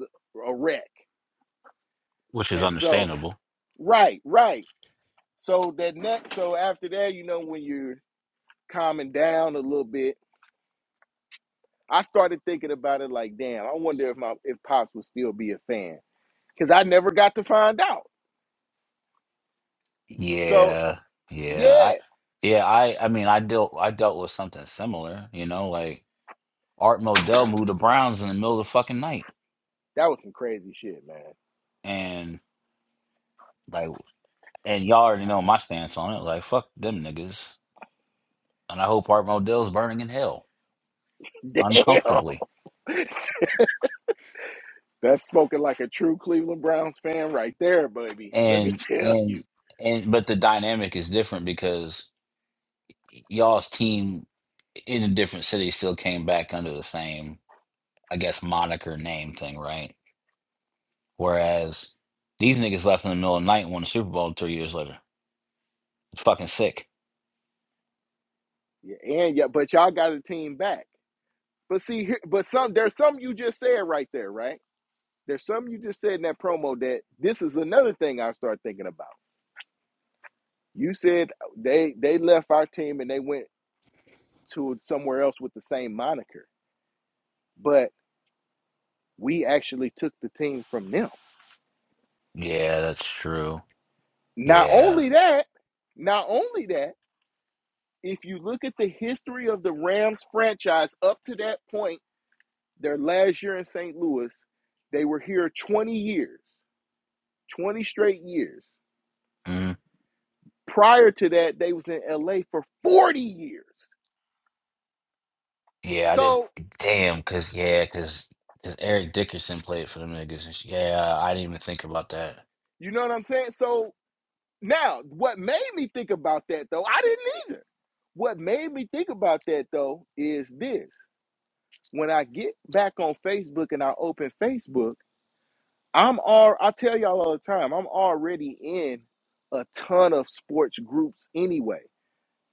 a wreck.
which is
And so,
understandable.
right, right. So that next, so after that, you know, when you're calming down a little bit, I started thinking about it like, damn, I wonder if my if Pops would still be a fan because I never got to find out. So
Yeah, yeah. I
yeah,
yeah, I I mean I dealt I dealt with something similar, you know, like Art Modell moved the Browns in the middle of the fucking night.
that was some crazy shit, man.
And like and y'all already know my stance on it. Like fuck them niggas. And I hope Art Modell's burning in hell uncomfortably.
Damn, that's smoking like a true Cleveland Browns fan right there, baby. Let me
And
tell you.
and and but the dynamic is different because y'all's team in a different city still came back under the same, I guess, moniker name thing, right? Whereas these niggas left in the middle of the night and won the Super Bowl three years later. It's fucking sick.
Yeah, and yeah, but y'all got a team back. But see, here, but some there's some you just said right there, right? There's some you just said in that promo that this is another thing I start thinking about. You said they they left our team and they went to somewhere else with the same moniker. But we actually took the team from them.
Yeah, that's true.
Not
Yeah.
only that, not only that, if you look at the history of the Rams franchise up to that point, their last year in St. Louis, they were here 20 years, 20 straight years.
Mm.
Prior to that, they was in LA for 40 years.
Yeah, I did.
So,
Damn, because, yeah, because cause Eric Dickerson played for them niggas. And sh- yeah, I didn't even think about that.
you know what I'm saying? So Now, what made me think about that though, I didn't either. What made me think about that though is this. When I get back on Facebook and I open Facebook, I'm all I tell y'all all the time, I'm already in a ton of sports groups anyway.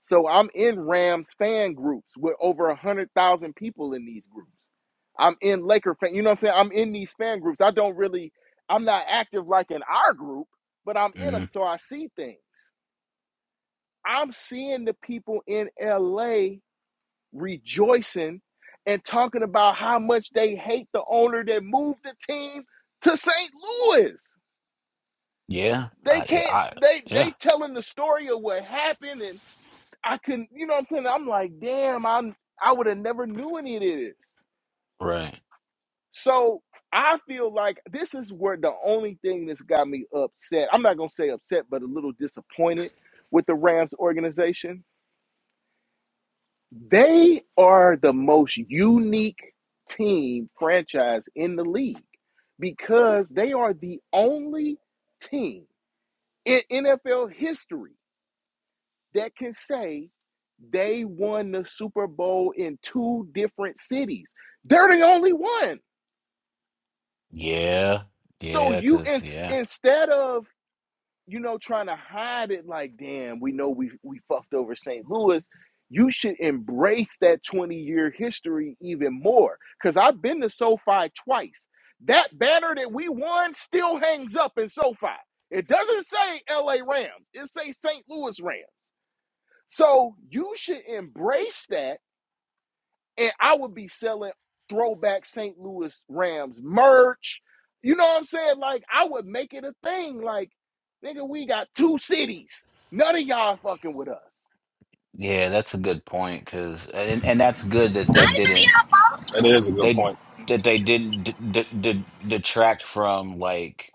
So I'm in Rams fan groups with over a hundred thousand people in these groups. I'm in Laker fan, you know what I'm saying? I'm in these fan groups. I don't really I'm not active like in our group, but I'm in them
Mm.
so I see things. I'm seeing the people in LA rejoicing and talking about how much they hate the owner that moved the team to St. Louis.
Yeah.
They
I, yeah.
can't
I,
they
yeah.
they telling the story of what happened and I couldn't, you know what I'm saying? I'm like, damn, I'm I would have never knew any of this.
Right.
So I feel like this is where the only thing that's got me upset. I'm not gonna say upset, but a little disappointed with the Rams organization They are the most unique team franchise in the league because they are the only team in NFL history that can say they won the Super Bowl in two different cities. They're the only one.
Yeah.
So
Yeah.
you in,
Because, yeah.
instead of you know, trying to hide it like, damn, we know we we fucked over St. Louis. You should embrace that 20 year history even more. Cause I've been to SoFi twice. That banner that we won still hangs up in SoFi. It doesn't say LA Rams. It say St. Louis Rams. So you should embrace that and I would be selling throwback St. Louis Rams merch. You know what I'm saying? Like I would make it a thing. Like, nigga, we got two cities. None of y'all fucking with us.
Yeah, that's a good point. Because, and, and that's good that they
That, did
didn't,
both. that is a good
they,
point.
that they didn't d- d- d- detract from like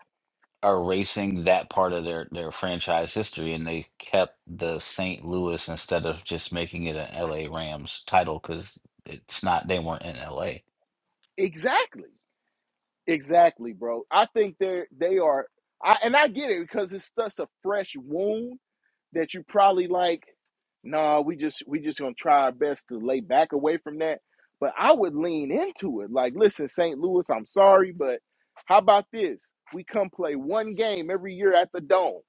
erasing that part of their their franchise history and they kept the St. Louis instead of just making it an LA Rams title cuz it's not they weren't in LA.
Exactly. Exactly, bro. I think they're they are I and I get it because it's such a fresh wound that you probably like, nah, we just we just gonna try our best to lay back away from that. But I would lean into it. Like, listen, St. Louis, I'm sorry, but how about this? We come play one game every year at the dome.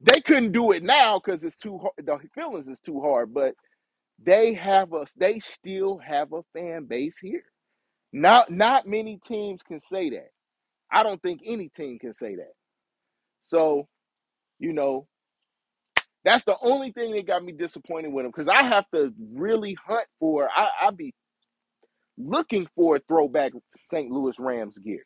They couldn't do it now because it's too hard. The feelings is too hard, but they have us. They still have a fan base here. Not not many teams can say that. I don't think any team can say that. So you know, That's the only thing that got me disappointed with him because I have to really hunt for. I I be looking for throwback St. Louis Rams gear,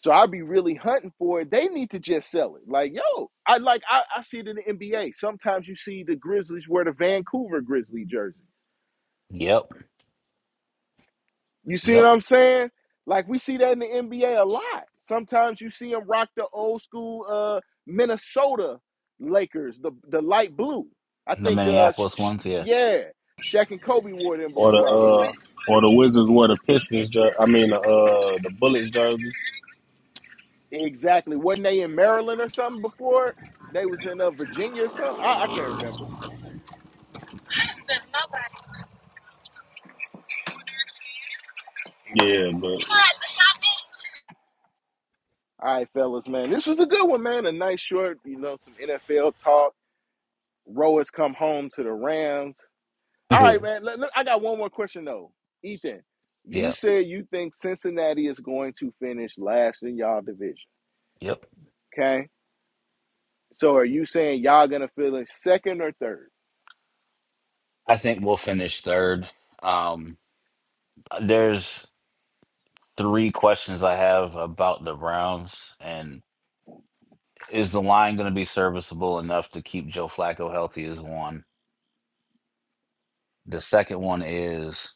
so I be really hunting for it. They need to just sell it. Like yo, I like I, I see it in the NBA. Sometimes you see the Grizzlies wear the Vancouver Grizzly jersey.
Yep.
You see what
Yep.
I'm saying? Like we see that in the NBA a a lot. Sometimes you see them rock the old school uh, Minnesota Lakers, the the light blue. I
The
think, uh, sh-
Minneapolis
sh-
ones, yeah.
yeah, Shaq and Kobe wore them
Or the
before, I
uh,
believe.
or the Wizards wore the Pistons. Jer- I mean the uh, the Bullets jersey.
Exactly. Wasn't they in Maryland or something before? They was in uh, Virginia or something. I, I can't remember.
Yeah, but
All right, fellas, man, this was a good one, man. A nice short, you know, some NFL talk. Row come home to the Rams. All right,
yep.
man. Look, look, I got one more question though. Ethan, you said you think Cincinnati is going to finish last in y'all division.
Yep.
Okay. So are you saying y'all gonna finish second or third?
I think we'll finish third. Um there's three questions I have about the Browns and is the line going to be serviceable enough to keep Joe Flacco healthy is one. The second one is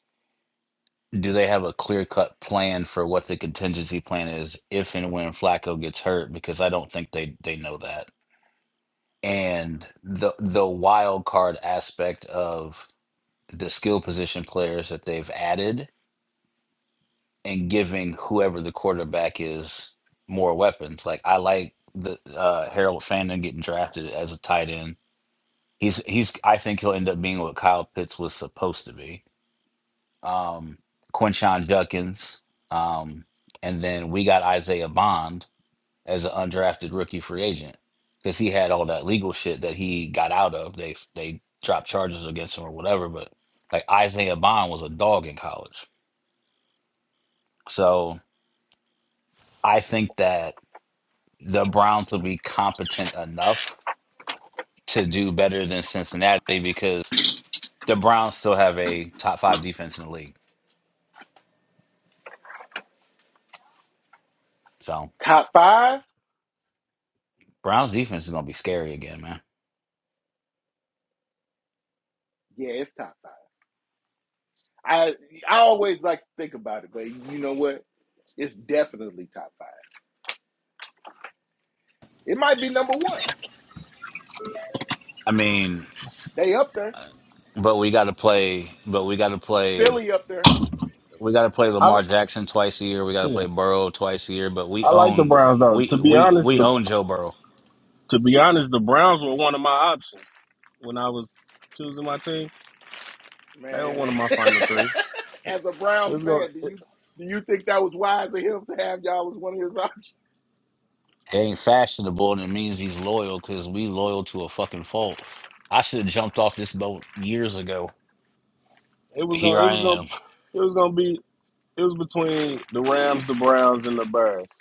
do they have a clear cut plan for what the contingency plan is if and when Flacco gets hurt? Because I don't think they they know that. And the the wild card aspect of the skill position players that they've added and giving whoever the quarterback is more weapons. Like I like the uh, Harold Fandon getting drafted as a tight end. He's he's I think he'll end up being what Kyle Pitts was supposed to be um, Quinshon Judkins, um, and then we got Isaiah Bond as an undrafted rookie free agent because he had all that legal shit that he got out of. They they dropped charges against him or whatever, but like Isaiah Bond was a dog in college. So I think that the Browns will be competent enough to do better than Cincinnati because the Browns still have a top five defense in the league. So
Top five?
Browns defense is gonna be scary again, man.
Yeah, it's top five. I I always like to think about it, but you know what? It's definitely top five. It might be number one.
I mean,
They up there.
But we got to play. But we got to play.
Philly up there.
We got to play
I
Lamar Jackson twice a year. We got to play
yeah,
Burrow twice a year. But we
I like the
own
Browns though.
we
To be
we
honest,
we
the
own Joe Burrow.
to be honest, the Browns were one of my options when I was choosing my team. They were
Man,
one of my final three. It,
as a
it
Browns
was gonna
fan, do
it,
you do you think that was wise of him to have y'all as one of his options?
It ain't fashionable, and it means he's loyal because we loyal to a fucking fault. I should have jumped off this boat years ago.
it was
Here
gonna it
I
was gonna
am.
it was gonna be it was between the Rams, the Browns, and the Bears.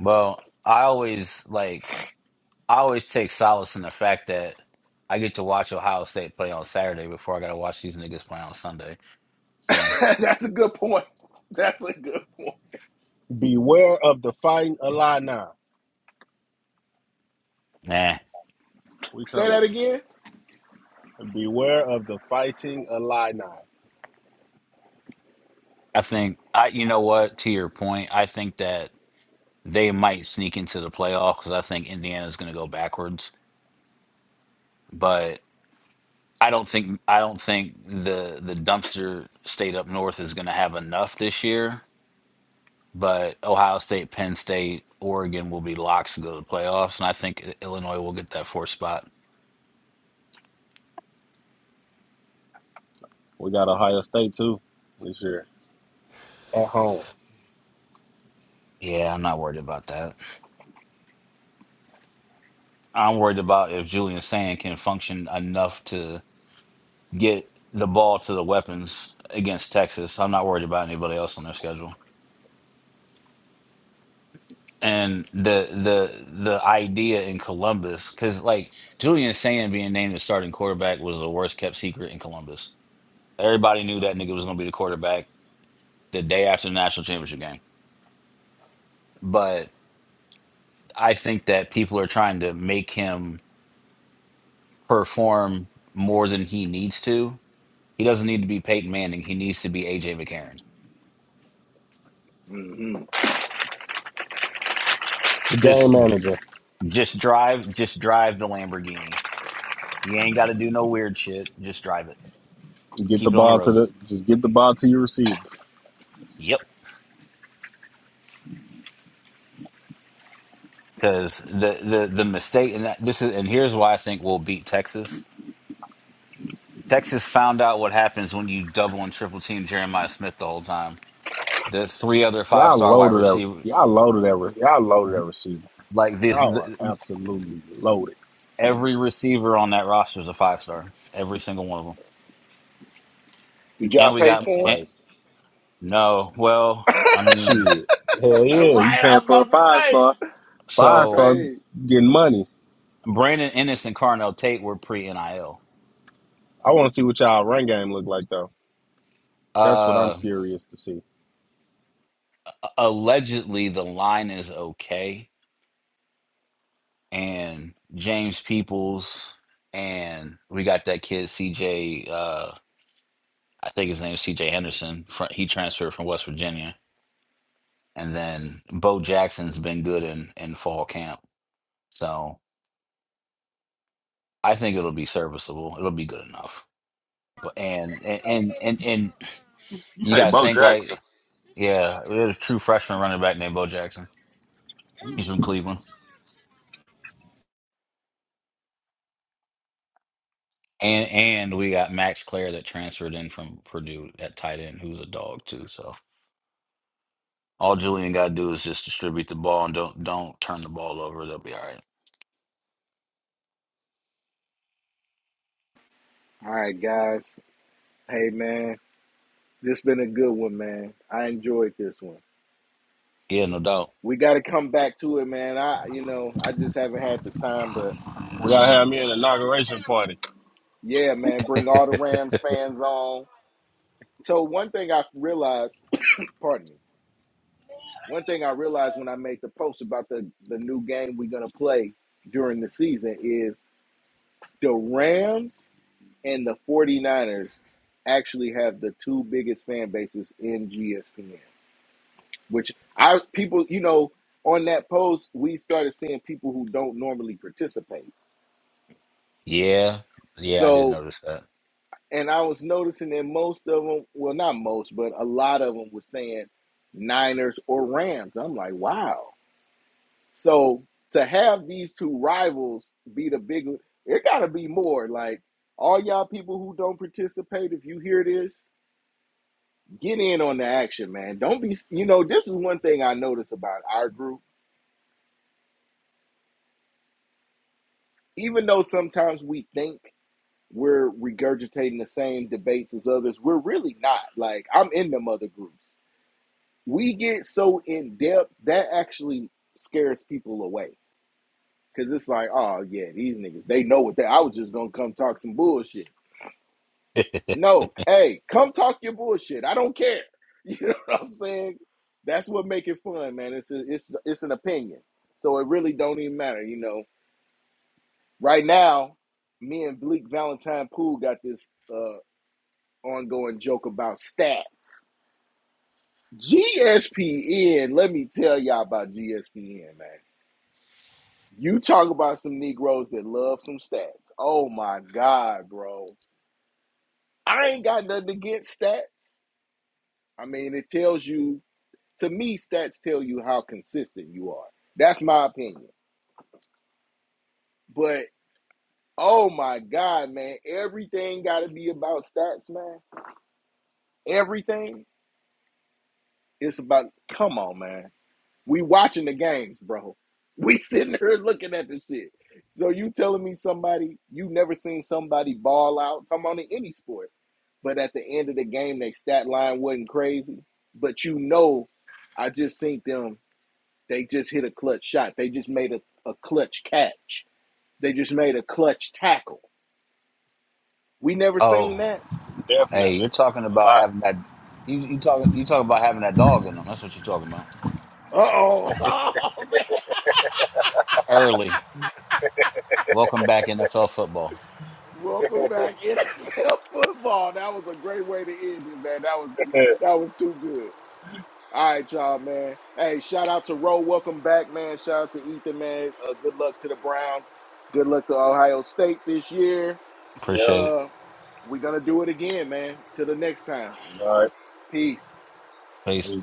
Well, I always like I always take solace in the fact that I get to watch Ohio State play on Saturday before I got to watch these niggas play on Sunday. So
That's a good point. That's a good point.
Beware of the fighting Illini.
nah.
We
Say
coming.
that again.
Beware of the fighting Illini.
I think I you know what to your point I think that they might sneak into the playoff cuz I think Indiana's going to go backwards but I don't think I don't think the the dumpster state up north is going to have enough this year but Ohio State, Penn State, Oregon will be locks to go to the playoffs and I think I- Illinois will get that fourth spot.
We got Ohio State too this year at home.
Yeah, I'm not worried about that. I'm worried about if Julian Sand can function enough to. get the ball to the weapons against Texas. I'm not worried about anybody else on their schedule. And the the the idea in Columbus, because like Julian Sand being named the starting quarterback was the worst kept secret in Columbus. Everybody knew that nigga was gonna be the quarterback the day after the national championship game. But I think that people are trying to make him perform more than he needs to. He doesn't need to be Peyton Manning. He needs to be AJ McCarron.
hmm
Game
Just
manager,
just drive just drive the Lamborghini You ain't got to do no weird shit. Just drive it.
get the
Keep it on the
ball to
road.
the just get the ball to your receivers.
Yep. Because the the the mistake and that this is and here's why I think we'll beat Texas. Texas found out what happens when you double and triple team Jeremiah Smith the whole time. The three other five
Y'all
star wide
loaded that.
receiver,
Y'all loaded that. Y'all loaded that receiver.
like this,
Y'all are
the,
absolutely loaded.
every receiver on that roster is a five star. Every single one of them.
Did y'all
And we
pay
got
That's
for him?
and,
crazy.
no. Well, I mean,
Shit. Hell yeah, you
Right, I
paying
was
for
about
a
to
five
say.
star.
You
Five
so
star
paid.
getting money.
Brandon Ennis and Carnell Tate were pre NIL.
I want to see what y'all run game look like though. That's what I'm curious to see.
allegedly the line is okay and James Peoples and we got that kid CJ uh I think his name is CJ Henderson from he transferred from West Virginia and then Bo Jackson's been good in in fall camp so I think it'll be serviceable it'll be good enough but and and and and, and
You
you
say
got to
Bo
think like
Jackson?
yeah we had a true freshman running back named Bo Jackson he's from Cleveland And and we got Max Clare that transferred in from Purdue at tight end, who's a dog too. So all Julian got to do is just distribute the ball and don't don't turn the ball over. They'll be all right.
All right, guys. Hey, man. This been a good one, man. I enjoyed this one.
Yeah, no doubt.
We got to come back to it, man. I, you know, I just haven't had the time, but
We gotta have me an inauguration party.
yeah, man. Bring all the Rams fans on. So one thing I realized, pardon me. One thing I realized when I made the post about the the new game we're gonna play during the season is. The Rams and the 49ers actually have the two biggest fan bases in GSPN, which I people, you know, on that post, we started seeing people who don't normally participate.
Yeah, yeah, I did
So,
notice
and I was noticing that most of them, well, not most, but a lot of them was saying Niners or Rams. I'm like, wow. So to have these two rivals be the big, it got to be more like all y'all people who don't participate, if you hear this, get in on the action, man. Don't be, you know, this is one thing I notice about our group. Even though sometimes we think we're regurgitating the same debates as others, we're really not. Like, I'm in them other groups. We get so in depth that actually scares people away because it's like, oh, yeah, these niggas, they know what they, I was just going to come talk some bullshit.
that.
No, hey, come talk your bullshit. I don't care. You know what I'm saying? That's what make it fun, man. It's a, it's it's an opinion, so it really don't even matter. You know, right now, me and Bleak Valentine Pool got this uh, ongoing joke about stats. GSPN, let me tell y'all about GSPN, man. You talk about some Negroes that love some stats. Oh my God, bro. I ain't got nothing against stats. I mean, it tells you to me, stats tell you how consistent you are. That's my opinion. But oh my God, man, everything got to be about stats, man. Everything is about. Come on, man. We watching the games, bro. We sitting here looking at this shit. So you telling me somebody you never seen somebody ball out? Come on, in any sport, but at the end of the game, their stat line wasn't crazy. But you know, I just seen them They just hit a clutch shot. They just made a, a clutch catch. They just made a clutch tackle. We never seen
oh,
that.
hey,
Definitely.
you're talking
a
about
lot.
having that. You you talk you talk about having that dog in them. That's what you're talking about.
Uh-oh. Oh, man.
Early. Welcome back NFL football.
Welcome back, NFL football. That was a great way to end it, man. That was that was too good. All right, y'all, man. Hey, shout out to Roe. Welcome back, man. Shout out to Ethan, man. Uh, good luck to the Browns. Good luck to Ohio State this year.
Yep.
Appreciate it.
Uh, we're gonna do it again, man. Till the next time.
All right.
Peace.
Peace.
Peace.